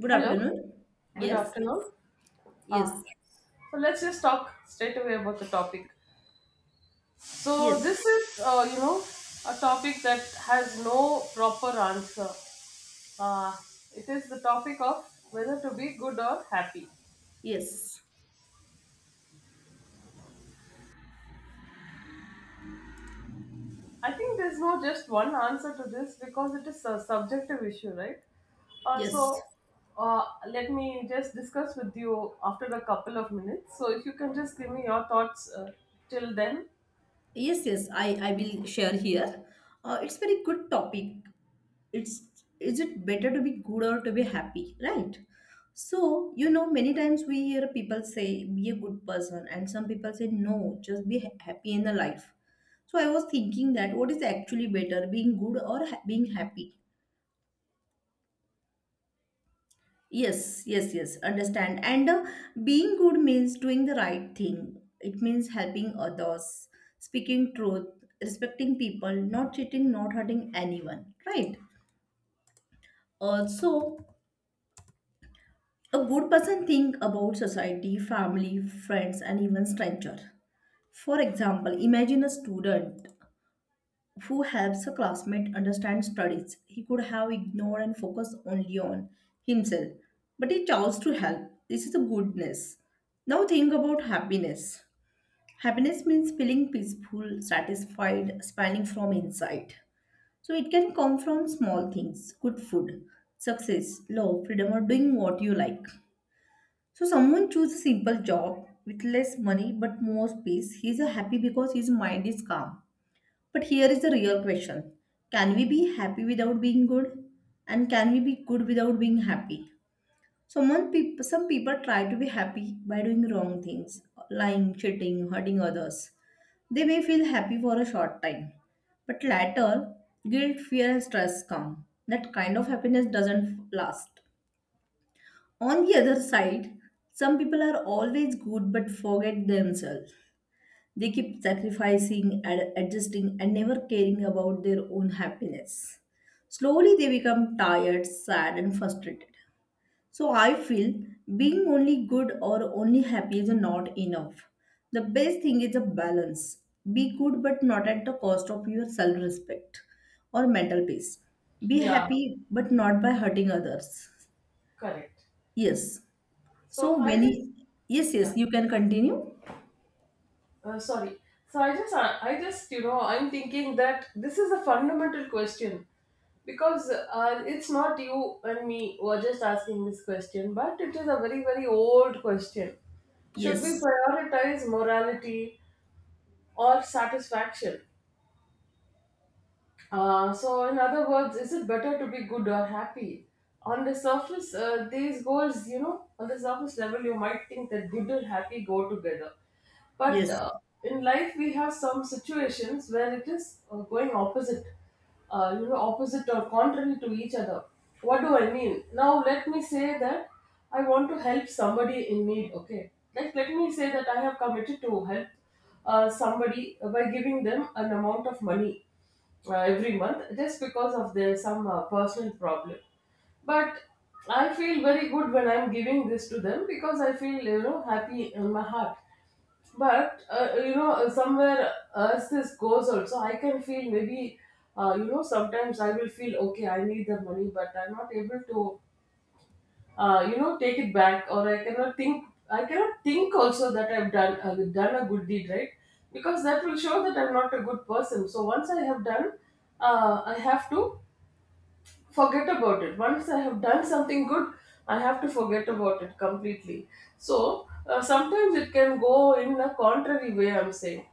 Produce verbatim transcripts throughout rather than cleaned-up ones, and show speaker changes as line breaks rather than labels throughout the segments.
Good
Hello,
afternoon.
good
Yes,
afternoon. Uh,
yes,
so let's just talk straight away about the topic. So
Yes,
this is, uh, you know, a topic that has no proper answer. Uh, it is the topic of whether to be good or happy.
yes,
I think there's no just one answer to this because it is a subjective issue, right? Uh, so
yes,
uh, let me just discuss with you after a couple of minutes. So if you can just give me your thoughts uh, till then.
yes, yes. I I will share here. Uh, it's very good topic. It's is it better to be good or to be happy, right? So, you know, many times we hear people say be a good person, and some people say no, just be ha- happy in the life. So I was thinking that what is actually better, being good or ha- being happy? Yes, yes, yes, understand. And uh, Being good means doing the right thing. It means helping others, speaking truth, respecting people, not cheating, not hurting anyone, right? Also, a good person think about society, family, friends, and even stranger. For example, imagine a student who helps a classmate understand studies he could have ignored and focused only on himself. But he chose to help. This is a goodness. Now think about happiness. Happiness means feeling peaceful, satisfied, smiling from inside. So it can come from small things, good food, success, love, freedom, or doing what you like. So someone chooses a simple job with less money but more peace. He's a happy because his mind is calm. But here is the real question. Can we be happy without being good? And can we be good without being happy? Someone peop- some people try to be happy by doing wrong things, lying, cheating, hurting others. They may feel happy for a short time, but later, guilt, fear, and stress come. That kind of happiness doesn't last. On the other side, some people are always good but forget themselves. They keep sacrificing, ad- adjusting, and never caring about their own happiness. Slowly, they become tired, sad, and frustrated. So, I feel being only good or only happy is not enough. The best thing is a balance. Be good, but not at the cost of your self respect or mental peace. Be
Yeah,
happy, but not by hurting others.
correct.
Yes.
So
So,
I
when he,
just.
yes,
Yeah.
yes, you can continue.
Uh, sorry. So I just, uh, I just, you know, I'm thinking that this is a fundamental question because uh, it's not you and me who are just asking this question, but it is a very, very old question. Should we
Yes,
prioritize morality or satisfaction? Uh, so, in other words, is it better to be good or happy? On the surface, uh, these goals, you know, on the surface level, you might think that good and happy go together. But
yes.
uh, in life, we have some situations where it is uh, going opposite, uh, you know, opposite or contrary to each other. What do I mean? Now, let me say that I want to help somebody in need, okay? Like, let me say that I have committed to help uh, somebody by giving them an amount of money uh, every month just because of their some uh, personal problem, but I feel very good when I'm giving this to them because I feel, you know happy in my heart. But uh, you know uh, somewhere, as this goes also, I can feel maybe uh, you know sometimes I will feel, okay, I need the money but I'm not able to uh, you know take it back. Or I cannot think, i cannot think also, that I've done uh, done a good deed, right? Because that will show that I'm not a good person. So once I have done, uh, I have to forget about it. Once I have done something good, I have to forget about it completely. So uh, sometimes it can go in a contrary way. I'm saying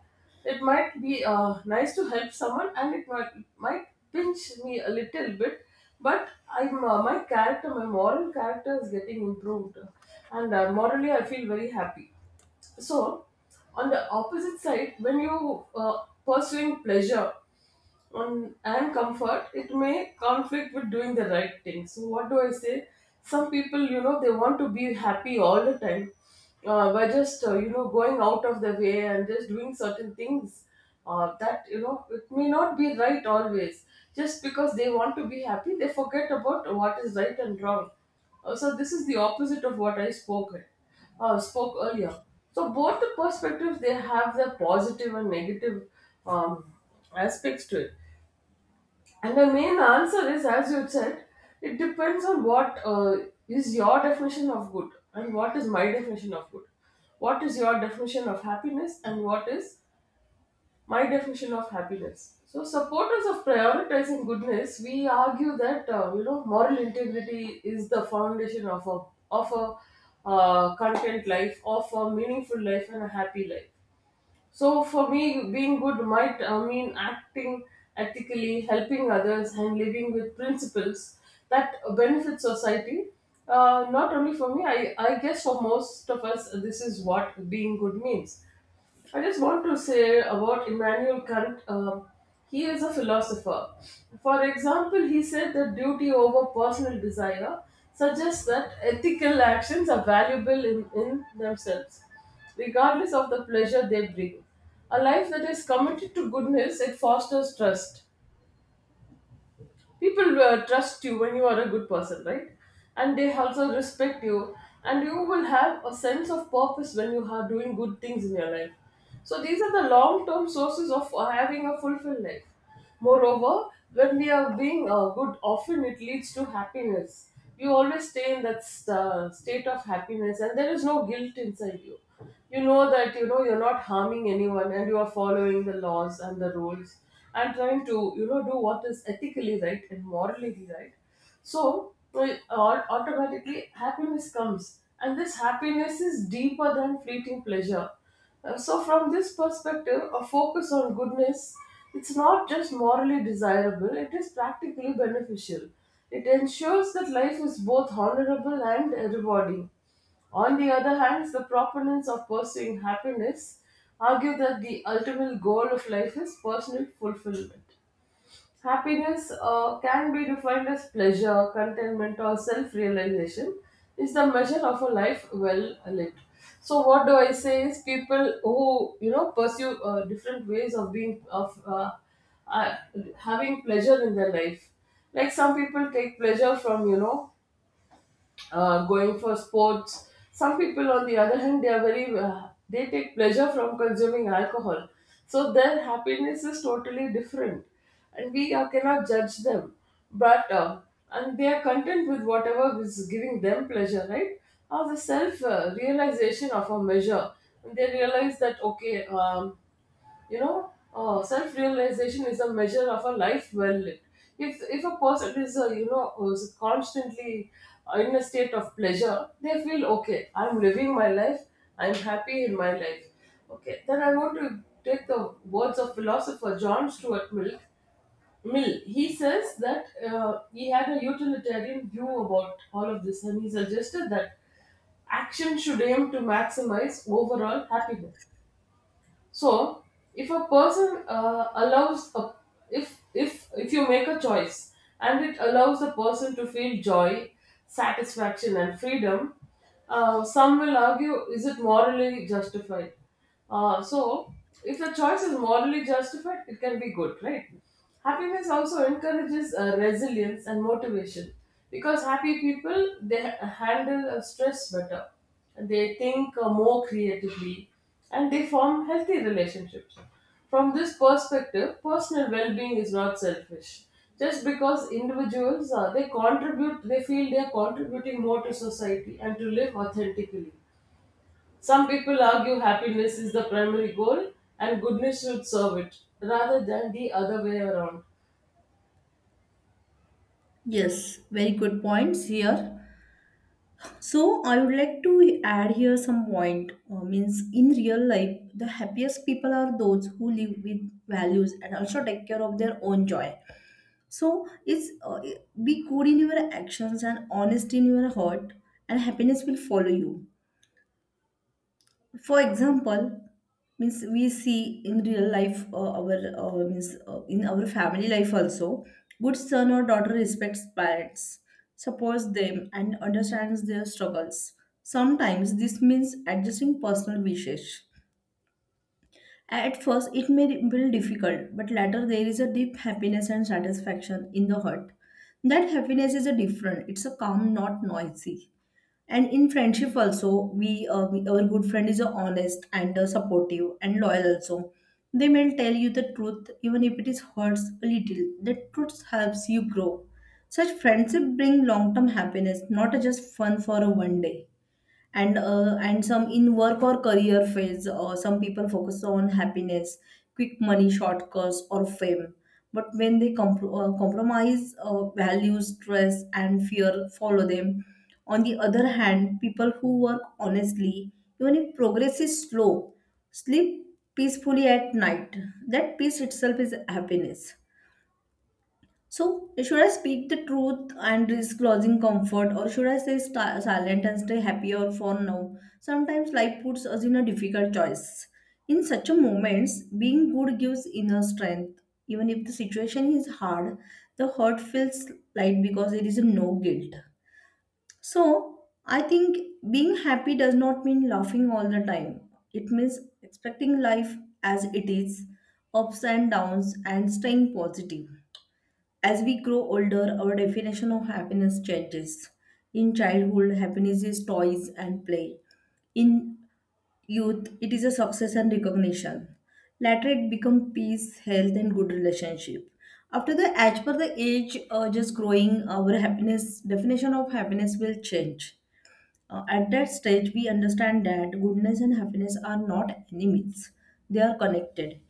it might be uh, nice to help someone, and it might might pinch me a little bit, but I'm uh, my character, my moral character is getting improved, and uh, morally I feel very happy. So on the opposite side, when you uh, pursuing pleasure on and comfort, it may conflict with doing the right thing. So what do I say? Some people, you know, they want to be happy all the time uh, by just uh, you know going out of the way and just doing certain things uh, that, you know it may not be right always. Just because they want to be happy, they forget about what is right and wrong. Uh, so this is the opposite of what I spoke uh, spoke earlier. So both the perspectives, they have their positive and negative um, aspects to it. And the main answer is, as you said, it depends on what uh, is your definition of good and what is my definition of good. What is your definition of happiness and what is my definition of happiness? So, supporters of prioritizing goodness, we argue that uh, you know moral integrity is the foundation of a of a uh, content life, of a meaningful life, and a happy life. So for me, being good might uh, mean acting ethically, helping others, and living with principles that benefit society. Uh, not only for me, I, I guess for most of us, this is what being good means. I just want to say about Immanuel Kant. Uh, he is a philosopher. For example, he said that duty over personal desire suggests that ethical actions are valuable in, in themselves, regardless of the pleasure they bring. A life that is committed to goodness, it fosters trust. People uh, trust you when you are a good person, right? And they also respect you, and you will have a sense of purpose when you are doing good things in your life. So these are the long-term sources of uh, having a fulfilled life. Moreover, when we are being uh, good, often it leads to happiness. You always stay in that st- uh, state of happiness, and there is no guilt inside you. You know that, you know you're not harming anyone and you are following the laws and the rules and trying to, you know do what is ethically right and morally right. So, well, au- automatically happiness comes, and this happiness is deeper than fleeting pleasure. Uh, so from this perspective, a focus on goodness, it's not just morally desirable, it is practically beneficial. It ensures that life is both honorable and uh, rewarding. On the other hand, the proponents of pursuing happiness argue that the ultimate goal of life is personal fulfillment. Happiness, uh, can be defined as pleasure, contentment, or self realization, is the measure of a life well lived. So, what do I say is people who, you know pursue uh, different ways of being of uh, uh, having pleasure in their life. Like some people take pleasure from, you know uh, going for sports. Some people, on the other hand, they are very uh, they take pleasure from consuming alcohol, so their happiness is totally different, and we uh, cannot judge them. But uh, and they are content with whatever is giving them pleasure, right? Or the self uh, realization of a measure, they realize that, okay. Um, you know, uh, self-realization is a measure of a life well lived. If if a person is, uh, you know is constantly in a state of pleasure, they feel, okay, I'm living my life. I'm happy in my life. Okay, then I want to take the words of philosopher John Stuart Mill. Mill, he says that uh, he had a utilitarian view about all of this, and he suggested that action should aim to maximize overall happiness. So, if a person uh, allows a, if if if you make a choice and it allows the person to feel joy, satisfaction, and freedom, uh, some will argue, is it morally justified? Uh, so, if the choice is morally justified, it can be good, right? Happiness also encourages uh, resilience and motivation, because happy people, they ha- handle uh, stress better, they think uh, more creatively, and they form healthy relationships. From this perspective, personal well-being is not selfish. Just because individuals, uh, they contribute, they feel they are contributing more to society and to live authentically. Some people argue happiness is the primary goal and goodness should serve it rather than the other way around.
Yes, very good points here. So I would like to add here some point. Uh, means in real life, the happiest people are those who live with values and also take care of their own joy. So it's uh, be good in your actions and honest in your heart, and happiness will follow you. For example, means we see in real life, uh, our uh, means, uh, in our family life also, good son or daughter respects parents, supports them and understands their struggles. Sometimes this means adjusting personal wishes. At first, it may feel difficult, but later there is a deep happiness and satisfaction in the heart. That happiness is a different. It's a calm, not noisy. And in friendship also, we, uh, we- our good friend is a honest and uh, supportive and loyal also. They may tell you the truth even if it is hurts a little. The truth helps you grow. Such friendship bring long-term happiness, not just fun for a one day. And uh, and some in work or career phase, uh, some people focus on happiness, quick money shortcuts or fame, but when they comp- uh, compromise uh, values, stress and fear follow them. On the other hand, people who work honestly, even if progress is slow, sleep peacefully at night. That peace itself is happiness. So, should I speak the truth and risk losing comfort, or should I stay sta- silent and stay happier for now? Sometimes life puts us in a difficult choice. In such a moments, being good gives inner strength. Even if the situation is hard, the hurt feels light because there is no guilt. So, I think being happy does not mean laughing all the time. It means expecting life as it is, ups and downs, and staying positive. As we grow older, our definition of happiness changes. In childhood, happiness is toys and play. In youth, it is a success and recognition. Later, it becomes peace, health, and good relationship. After the as per the age, uh, just growing, our happiness definition of happiness will change. Uh, at that stage, we understand that goodness and happiness are not enemies; they are connected.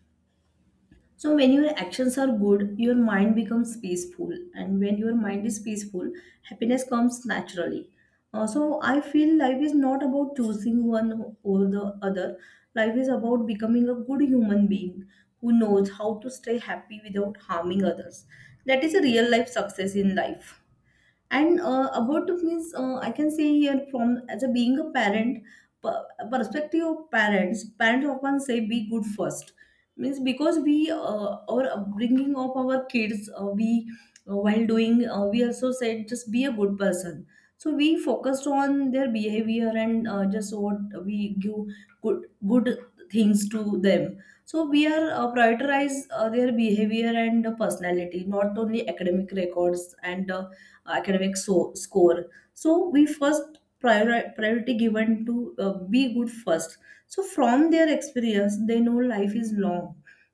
So when your actions are good, your mind becomes peaceful, and when your mind is peaceful, happiness comes naturally. Uh, so I feel life is not about choosing one over the other. Life is about becoming a good human being who knows how to stay happy without harming others. That is a real life success in life. And uh, about means, uh, I can say here from as a being a parent per- perspective of parents. Parents often say be good first means because we, uh, our upbringing of our kids, uh, we uh, while doing, uh, we also said just be a good person. So we focused on their behavior and, uh, just what we give good good things to them. So we are, uh, prioritize uh, their behavior and personality, not only academic records and. Uh, academic so- score, so we first priori- priority given to uh, be good first. So from their experience they know life is long.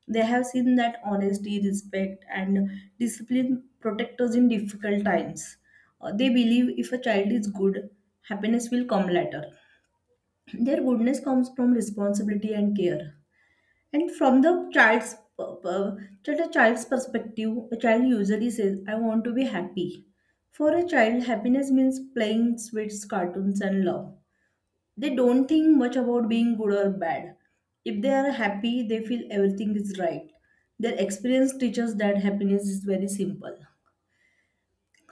They have seen that honesty, respect, and discipline protect us in difficult times. Uh, they believe if a child is good, happiness will come later. Their goodness comes from responsibility and care. And from the child's per- per- from the child's perspective, a child usually says, "I want to be happy." For a child, happiness means playing sweets, cartoons, and love. They don't think much about being good or bad. If they are happy, they feel everything is right. Their experience teaches that happiness is very simple.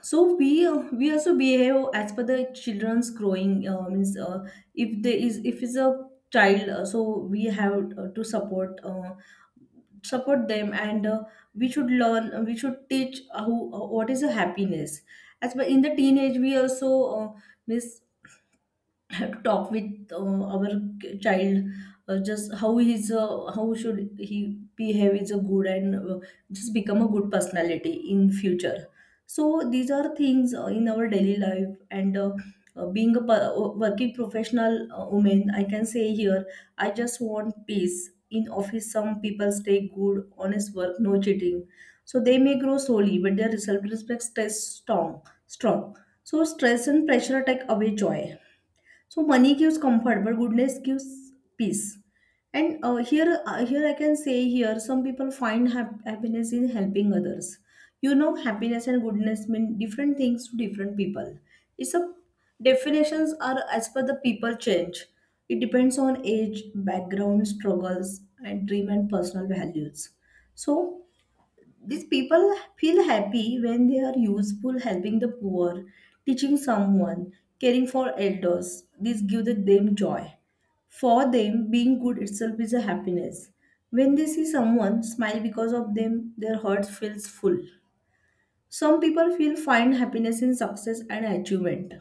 So we uh, we also behave as per the children's growing, uh, means uh, if there is if it's a child, uh, so we have uh, to support. Uh, support them, and uh, we should learn, uh, we should teach, uh, who uh, what is a happiness as well. In the teenage we also, uh, miss, have to talk with, uh, our k- child, uh, just how he's, uh, how should he behave is a good, and, uh, just become a good personality in future. So these are things, uh, in our daily life, and uh, uh, being a per- uh, working professional, uh, woman, I can say here I just want peace. In office some people stay good, honest work, no cheating. So they may grow slowly but their self-respect stays strong strong So stress and pressure take away joy. So money gives comfort, but goodness gives peace. And uh, here, uh, here I can say here, some people find hap- happiness in helping others. You know, happiness and goodness mean different things to different people. It's a definitions are as per the people change. It depends on age, background, struggles, and dream and personal values. So these people feel happy when they are useful, helping the poor, teaching someone, caring for elders. This gives them joy. For them, being good itself is a happiness. When they see someone smile because of them, their heart feels full. Some people feel find happiness in success and achievement.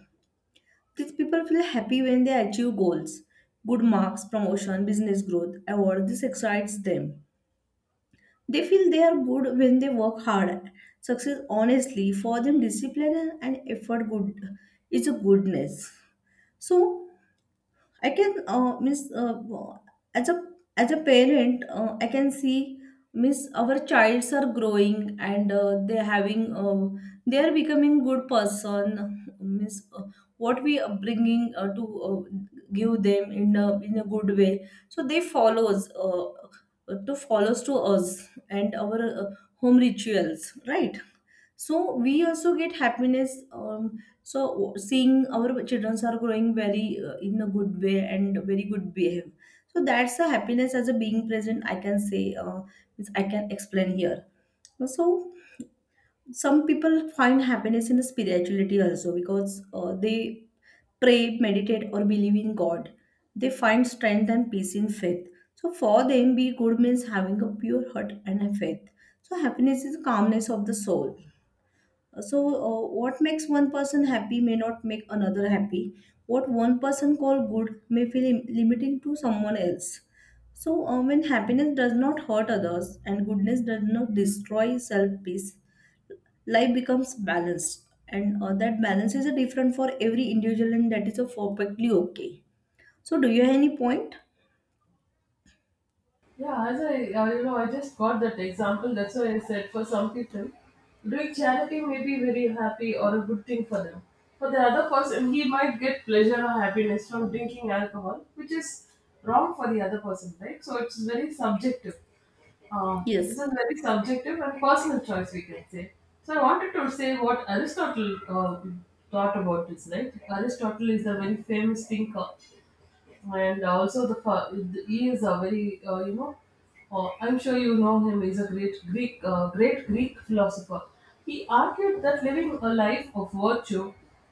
These people feel happy when they achieve goals, good marks, promotion, business growth, award. This excites them. They feel they are good when they work hard. Success, honestly, for them, discipline and effort good is a goodness. So I can, uh, miss, uh, as a as a parent, uh, I can see miss our childs are growing, and uh, they having uh, they are becoming good person. Miss, uh, what we are bringing, uh, to uh, give them in a in a good way, so they follows uh, to follows to us and our, uh, home rituals, right? So we also get happiness. Um, so seeing our children are growing very, uh, in a good way and very good behave. So that's a happiness as a being present I can say, uh, means I can explain here. So some people find happiness in the spirituality also because, uh, they pray, meditate, or believe in god. They find strength and peace in faith. So for them be good means having a pure heart and a faith. So happiness is calmness of the soul. So, uh, what makes one person happy may not make another happy. What one person call good may feel im- limiting to someone else. So, uh, when happiness does not hurt others and goodness does not destroy self peace, life becomes balanced, and uh, that balance is a different for every individual, and that is a perfectly okay. So, do you have any point?
Yeah, as I, uh, you know, I just got that example. That's why I said for some people, doing charity may be very happy or a good thing for them. For the other person, he might get pleasure or happiness from drinking alcohol, which is wrong for the other person, right? So it's very subjective. Uh,
Yes.
this is very subjective and personal choice, we can say. So I wanted to say what Aristotle uh, thought about this, right? Aristotle is a very famous thinker, and also the fa- he is a very uh, you know uh, I'm sure you know him, he's a great greek uh, great greek philosopher. He argued that living a life of virtue,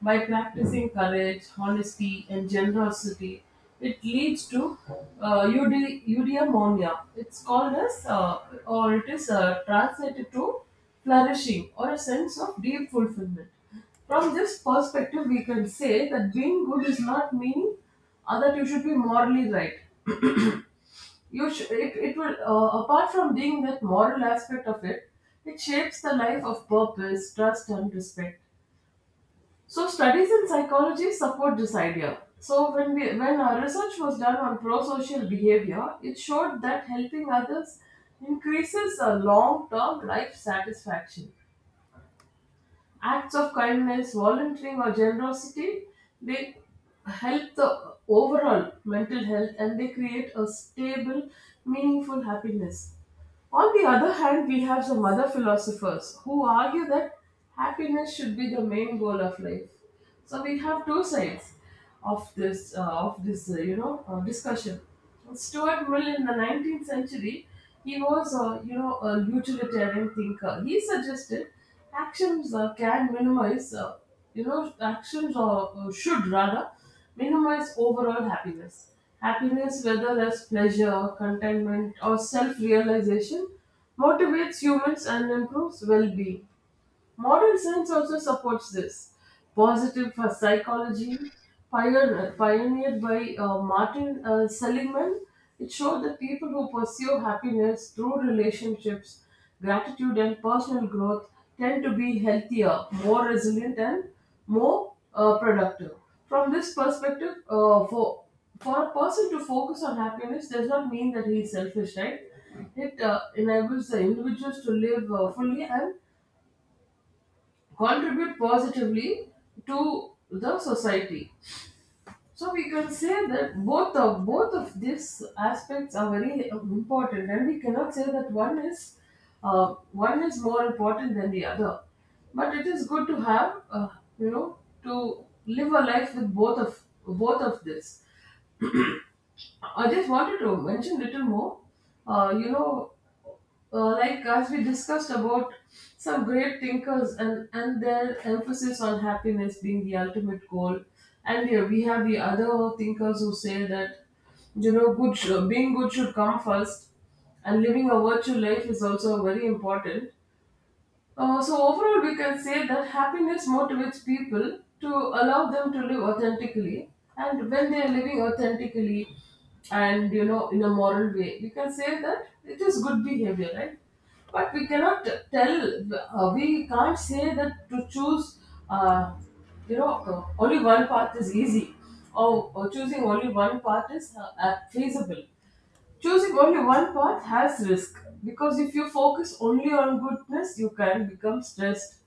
by practicing courage, honesty, and generosity, it leads to uh, eudi- eudaimonia, it's called as, uh, or it is uh, translated to flourishing, or a sense of deep fulfillment. From this perspective, we can say that being good is not meaning uh, that you should be morally right. You sh- it, it will, uh, apart from being that moral aspect of it, it shapes the life of purpose, trust, and respect. So studies in psychology support this idea. So when we when our research was done on prosocial behavior, it showed that helping others increases a long-term life satisfaction. Acts of kindness, volunteering, or generosity, they help the overall mental health and they create a stable, meaningful happiness. On the other hand, we have some other philosophers who argue that happiness should be the main goal of life. So we have two sides of this uh, of this uh, you know uh, discussion. Stuart Mill, in the nineteenth century, he was, a you know a utilitarian thinker. He suggested actions uh, can minimize, uh, you know actions or uh, should rather minimize overall happiness. Happiness, whether as pleasure, contentment, or self realization, motivates humans and improves well being. Modern science also supports this. Positive for psychology, pioneer, pioneered by uh, Martin uh, Seligman, it showed that people who pursue happiness through relationships, gratitude, and personal growth tend to be healthier, more resilient, and more uh, productive. From this perspective, uh, for for a person to focus on happiness does not mean that he is selfish, right? It uh, enables the individuals to live uh, fully and contribute positively to the society. So we can say that both of both of these aspects are very important, and we cannot say that one is uh, one is more important than the other, but it is good to have uh, you know to live a life with both of both of this. I just wanted to mention little more. Uh, you know, uh, like as we discussed about some great thinkers and, and their emphasis on happiness being the ultimate goal. And here we have the other thinkers who say that, you know, good sh- being good should come first, and living a virtual life is also very important. Uh, so overall, we can say that happiness motivates people to allow them to live authentically, and when they are living authentically, and, you know, in a moral way, we can say that it is good behavior, right? But we cannot tell, uh, we can't say that to choose, uh, you know, uh, only one path is easy, or, or choosing only one path is uh, uh, feasible. Choosing only one path has risk, because if you focus only on goodness, you can become stressed,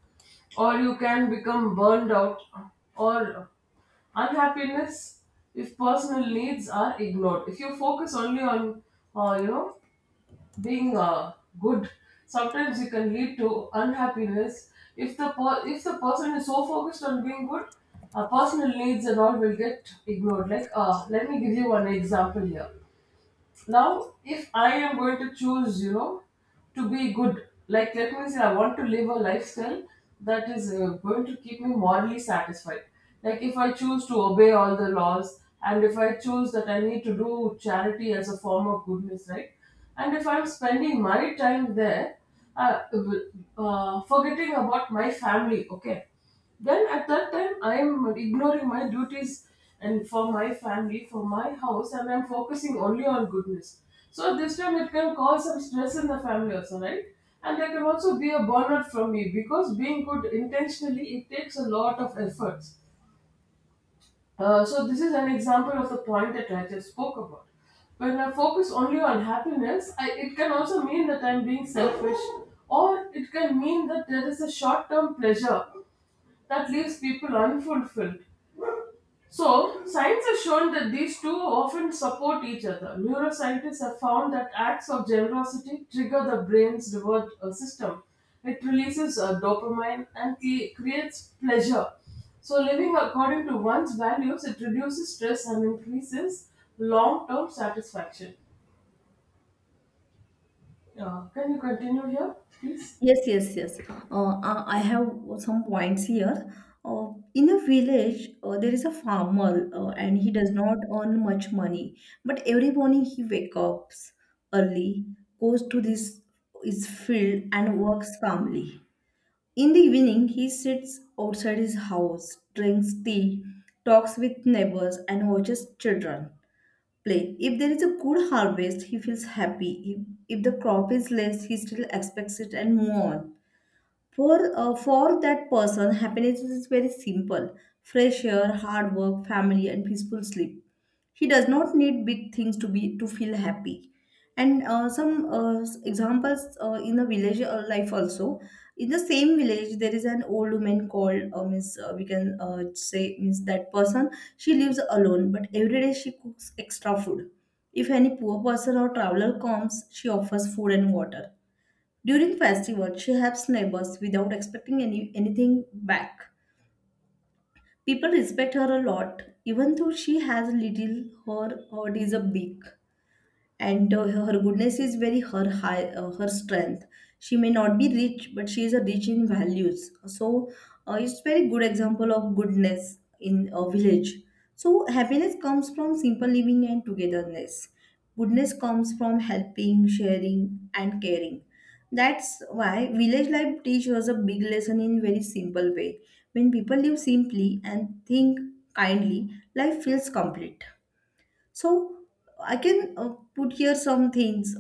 or you can become burned out, or unhappiness if personal needs are ignored. If you focus only on, uh, you know, being uh, good, sometimes you can lead to unhappiness. If the per- if the person is so focused on being good, uh, personal needs and all will get ignored. Like, uh, let me give you one example here. Now if I am going to choose, you know, to be good, like let me say I want to live a lifestyle that is uh, going to keep me morally satisfied. Like if I choose to obey all the laws, and if I choose that I need to do charity as a form of goodness, right, and if I'm spending my time there, uh, uh, forgetting about my family, okay, then at that time, I am ignoring my duties and for my family, for my house, and I'm focusing only on goodness. So this time it can cause some stress in the family also, right? And there can also be a burnout from me, because being good intentionally, it takes a lot of efforts. Uh, so this is an example of the point that I just spoke about. When I focus only on happiness, I, it can also mean that I'm being selfish, or it can mean that there is a short term pleasure that leaves people unfulfilled. So, science has shown that these two often support each other. Neuroscientists have found that acts of generosity trigger the brain's reward uh, system. It releases uh, dopamine and cre- creates pleasure. So, living according to one's values, it reduces stress and increases long term satisfaction. Uh, can you continue here, please?
Yes, yes, yes. Uh, uh, I have some points here. Uh, in a village, uh, there is a farmer, uh, and he does not earn much money. But every morning he wakes up early, goes to this his field, and works calmly. In the evening, he sits outside his house, drinks tea, talks with neighbors, and watches children play. If there is a good harvest, he feels happy. If, if the crop is less, he still expects it and move on. For, uh, for that person, happiness is very simple fresh air, hard work, family, and peaceful sleep. He does not need big things to be to feel happy. And uh, some uh, s- examples uh, in the village uh, life also. In the same village, there is an old woman called uh, Miss. Uh, we can uh, say Miss that person. She lives alone, but every day she cooks extra food. If any poor person or traveler comes, she offers food and water during festival, she helps neighbors without expecting any anything back. People respect her a lot, even though she has little. Her heart is a big, and uh, her goodness is very her high, uh, her strength. She may not be rich, but she is a rich in values. So uh, it's very good example of goodness in a village. So happiness comes from simple living and togetherness, goodness comes from helping, sharing, and caring. That's why village life teaches us a big lesson in very simple way. When people live simply and think kindly, life feels complete. So I can uh, put here some things.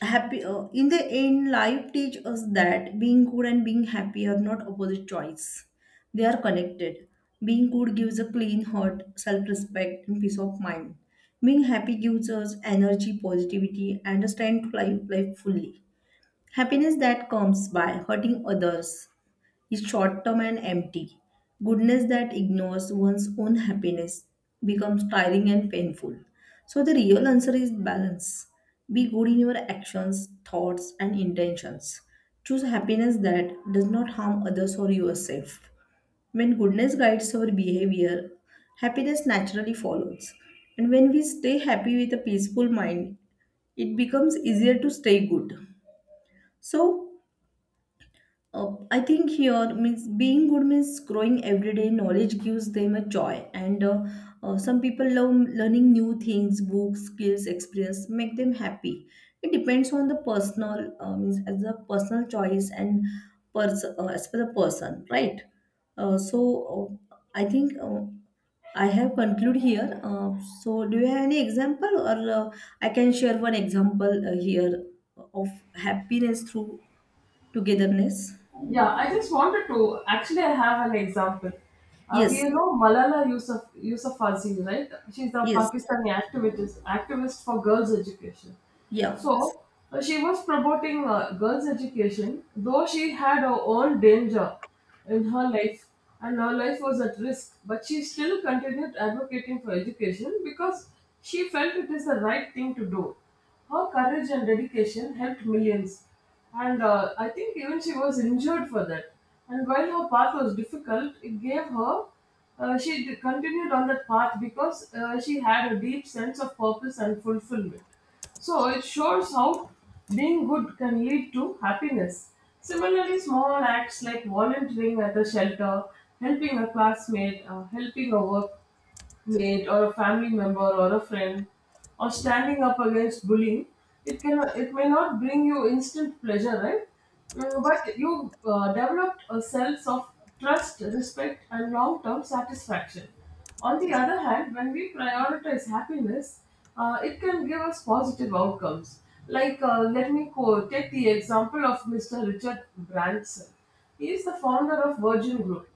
Happy uh, in the end, life teach us that being good and being happy are not opposite choice. They are connected. Being good gives a clean heart, self-respect, and peace of mind. Being happy gives us energy, positivity, and a stand to life, life fully. Happiness that comes by hurting others is short term and empty. Goodness that ignores one's own happiness becomes tiring and painful. So, the real answer is balance. Be good in your actions, thoughts, and intentions. Choose happiness that does not harm others or yourself. When goodness guides our behavior, happiness naturally follows. And when we stay happy with a peaceful mind, it becomes easier to stay good. So, uh, I think here means being good means growing everyday knowledge gives them a joy, and uh, uh, some people love learning new things, books, skills, experience make them happy. It depends on the personal uh, means as a personal choice and pers- uh, as per the person, right? Uh, so uh, I think uh, I have conclude here. Uh, so do you have any example, or uh, I can share one example uh, here of happiness through togetherness?
Yeah, I just wanted to actually I have an example. Uh, we
Yes,
know Malala Yousaf, Yousafzai, right? She's a
yes,
Pakistani activist activist for girls' education.
yeah.
So uh, she was promoting uh, girls' education, though she had her own danger in her life, and her life was at risk. But she still continued advocating for education because she felt it is the right thing to do. Her courage and dedication helped millions. And uh, I think even she was injured for that. And while her path was difficult, it gave her, uh, she d- continued on that path because uh, she had a deep sense of purpose and fulfillment. So it shows how being good can lead to happiness. Similarly, small acts like volunteering at a shelter, helping a classmate, uh, helping a work mate or a family member or a friend, or standing up against bullying, it can, it may not bring you instant pleasure, right? Mm, but you uh, developed a sense of trust, respect, and long-term satisfaction. On the other hand, when we prioritize happiness, uh, it can give us positive outcomes. Like, uh, let me quote, take the example of Mr. Richard Branson. He is the founder of Virgin Group.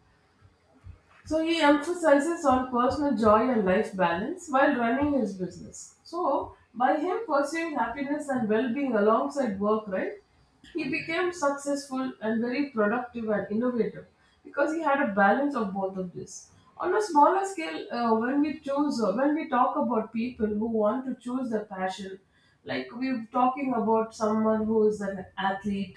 So he emphasizes on personal joy and life balance while running his business. So by him pursuing happiness and well-being alongside work, right, he became successful and very productive and innovative because he had a balance of both of this. On a smaller scale, uh, when we choose, uh, when we talk about people who want to choose their passion, like we we're talking about someone who is an athlete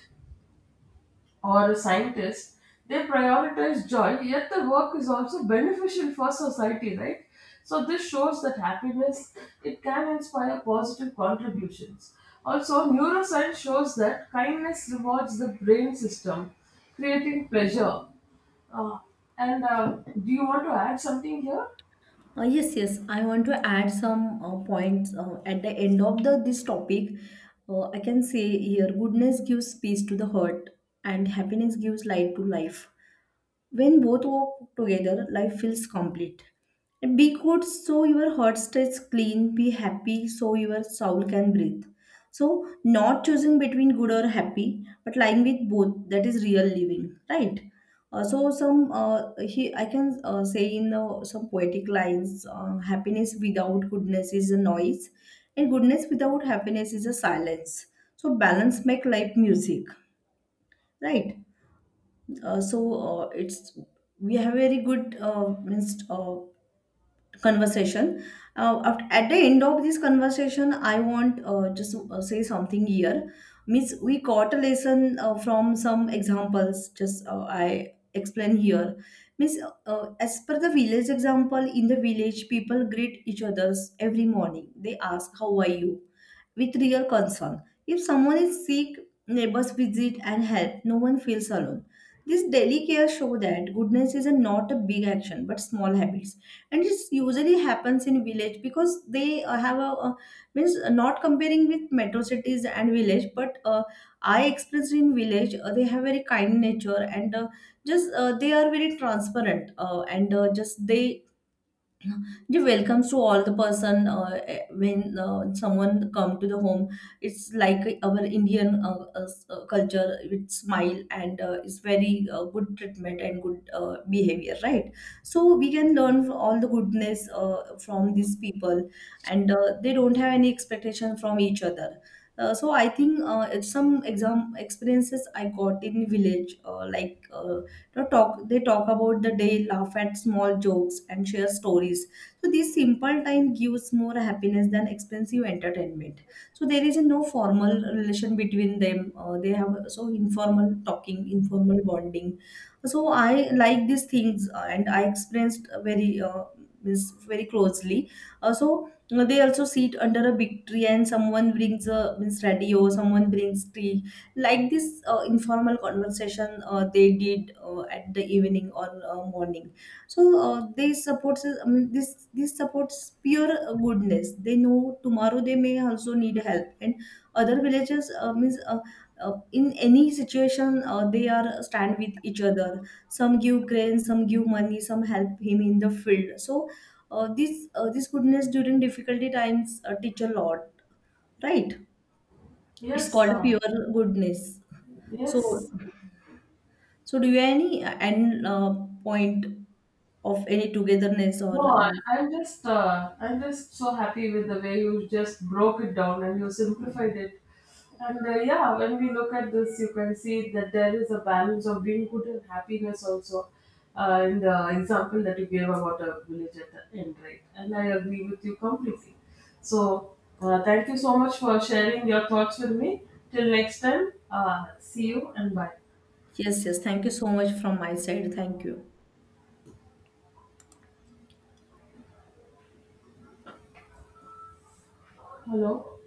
or a scientist, they prioritize joy, yet the work is also beneficial for society, right? So this shows that happiness, it can inspire positive contributions. Also, neuroscience shows that kindness rewards the brain system, creating pleasure. Uh, and uh, Do you want to add something here?
Uh, yes, yes. I want to add some uh, points uh, at the end of the this topic. Uh, I can say here, goodness gives peace to the heart, and happiness gives light to life. When both work together, life feels complete. Be good so your heart stays clean. Be happy so your soul can breathe. So, not choosing between good or happy, but lying with both, that is real living, right? Uh, so, some uh, he, I can uh, say in uh, some poetic lines. Uh, happiness without goodness is a noise, and goodness without happiness is a silence. So, balance make life music, right? Uh, so uh, it's we have very good uh, means uh, conversation. Uh, aft- at the end of this conversation, I want uh, just to uh, say something here means we got a lesson uh, from some examples just uh, I explain here means uh, as per the village example, in the village people greet each others every morning, they ask how are you with real concern. If someone is sick, neighbors visit and help. No one feels alone. This daily care show that goodness is a, not a big action but small habits, and it usually happens in village because they uh, have a, a means uh, not comparing with metro cities and village, but uh, I experienced in village. Uh, they have very kind nature, and uh, just uh, they are very transparent, uh, and uh, just they the welcomes to all the person, uh, eh, when uh, someone come to the home, it's like our indian uh, uh, s- uh, culture with smile, and uh, it's very uh, good treatment and good uh, behavior, right? So we can learn all the goodness uh, from these people, and uh, they don't have any expectation from each other. Uh, so I think uh, it's some exam experiences I got in village, uh, like uh, to talk, they talk about the day, laugh at small jokes, and share stories. So this simple time gives more happiness than expensive entertainment. So there is a no formal relation between them. Uh, they have uh, so informal talking, informal bonding. So I like these things, uh, and I experienced uh, very uh, means very closely. Uh, so you they also sit under a big tree, and someone brings a means radio, someone brings tea. Like this uh, informal conversation uh, they did uh, at the evening or uh, morning. So uh, they supports, I mean, this this supports pure uh, goodness. They know tomorrow they may also need help, and other villages uh, means uh, uh, in any situation uh, they are stand with each other. Some give grain, some give money, some help him in the field. So uh, this uh, this goodness during difficulty times uh, teach a lot, right? It's
Yes,
called
uh,
pure goodness. So
yes.
so, do you have any uh, end uh, point of any togetherness or?
No, I-
Um,
I'm just uh, I'm just so happy with the way you just broke it down and you simplified it. And uh, yeah, when we look at this, you can see that there is a balance of being good and happiness also uh, in the example that you gave about a village at the end, right? And I agree with you completely. So uh, thank you so much for sharing your thoughts with me. Till next time, uh, see you and bye.
yes, yes. Thank you so much from my side. Thank you.
Hello.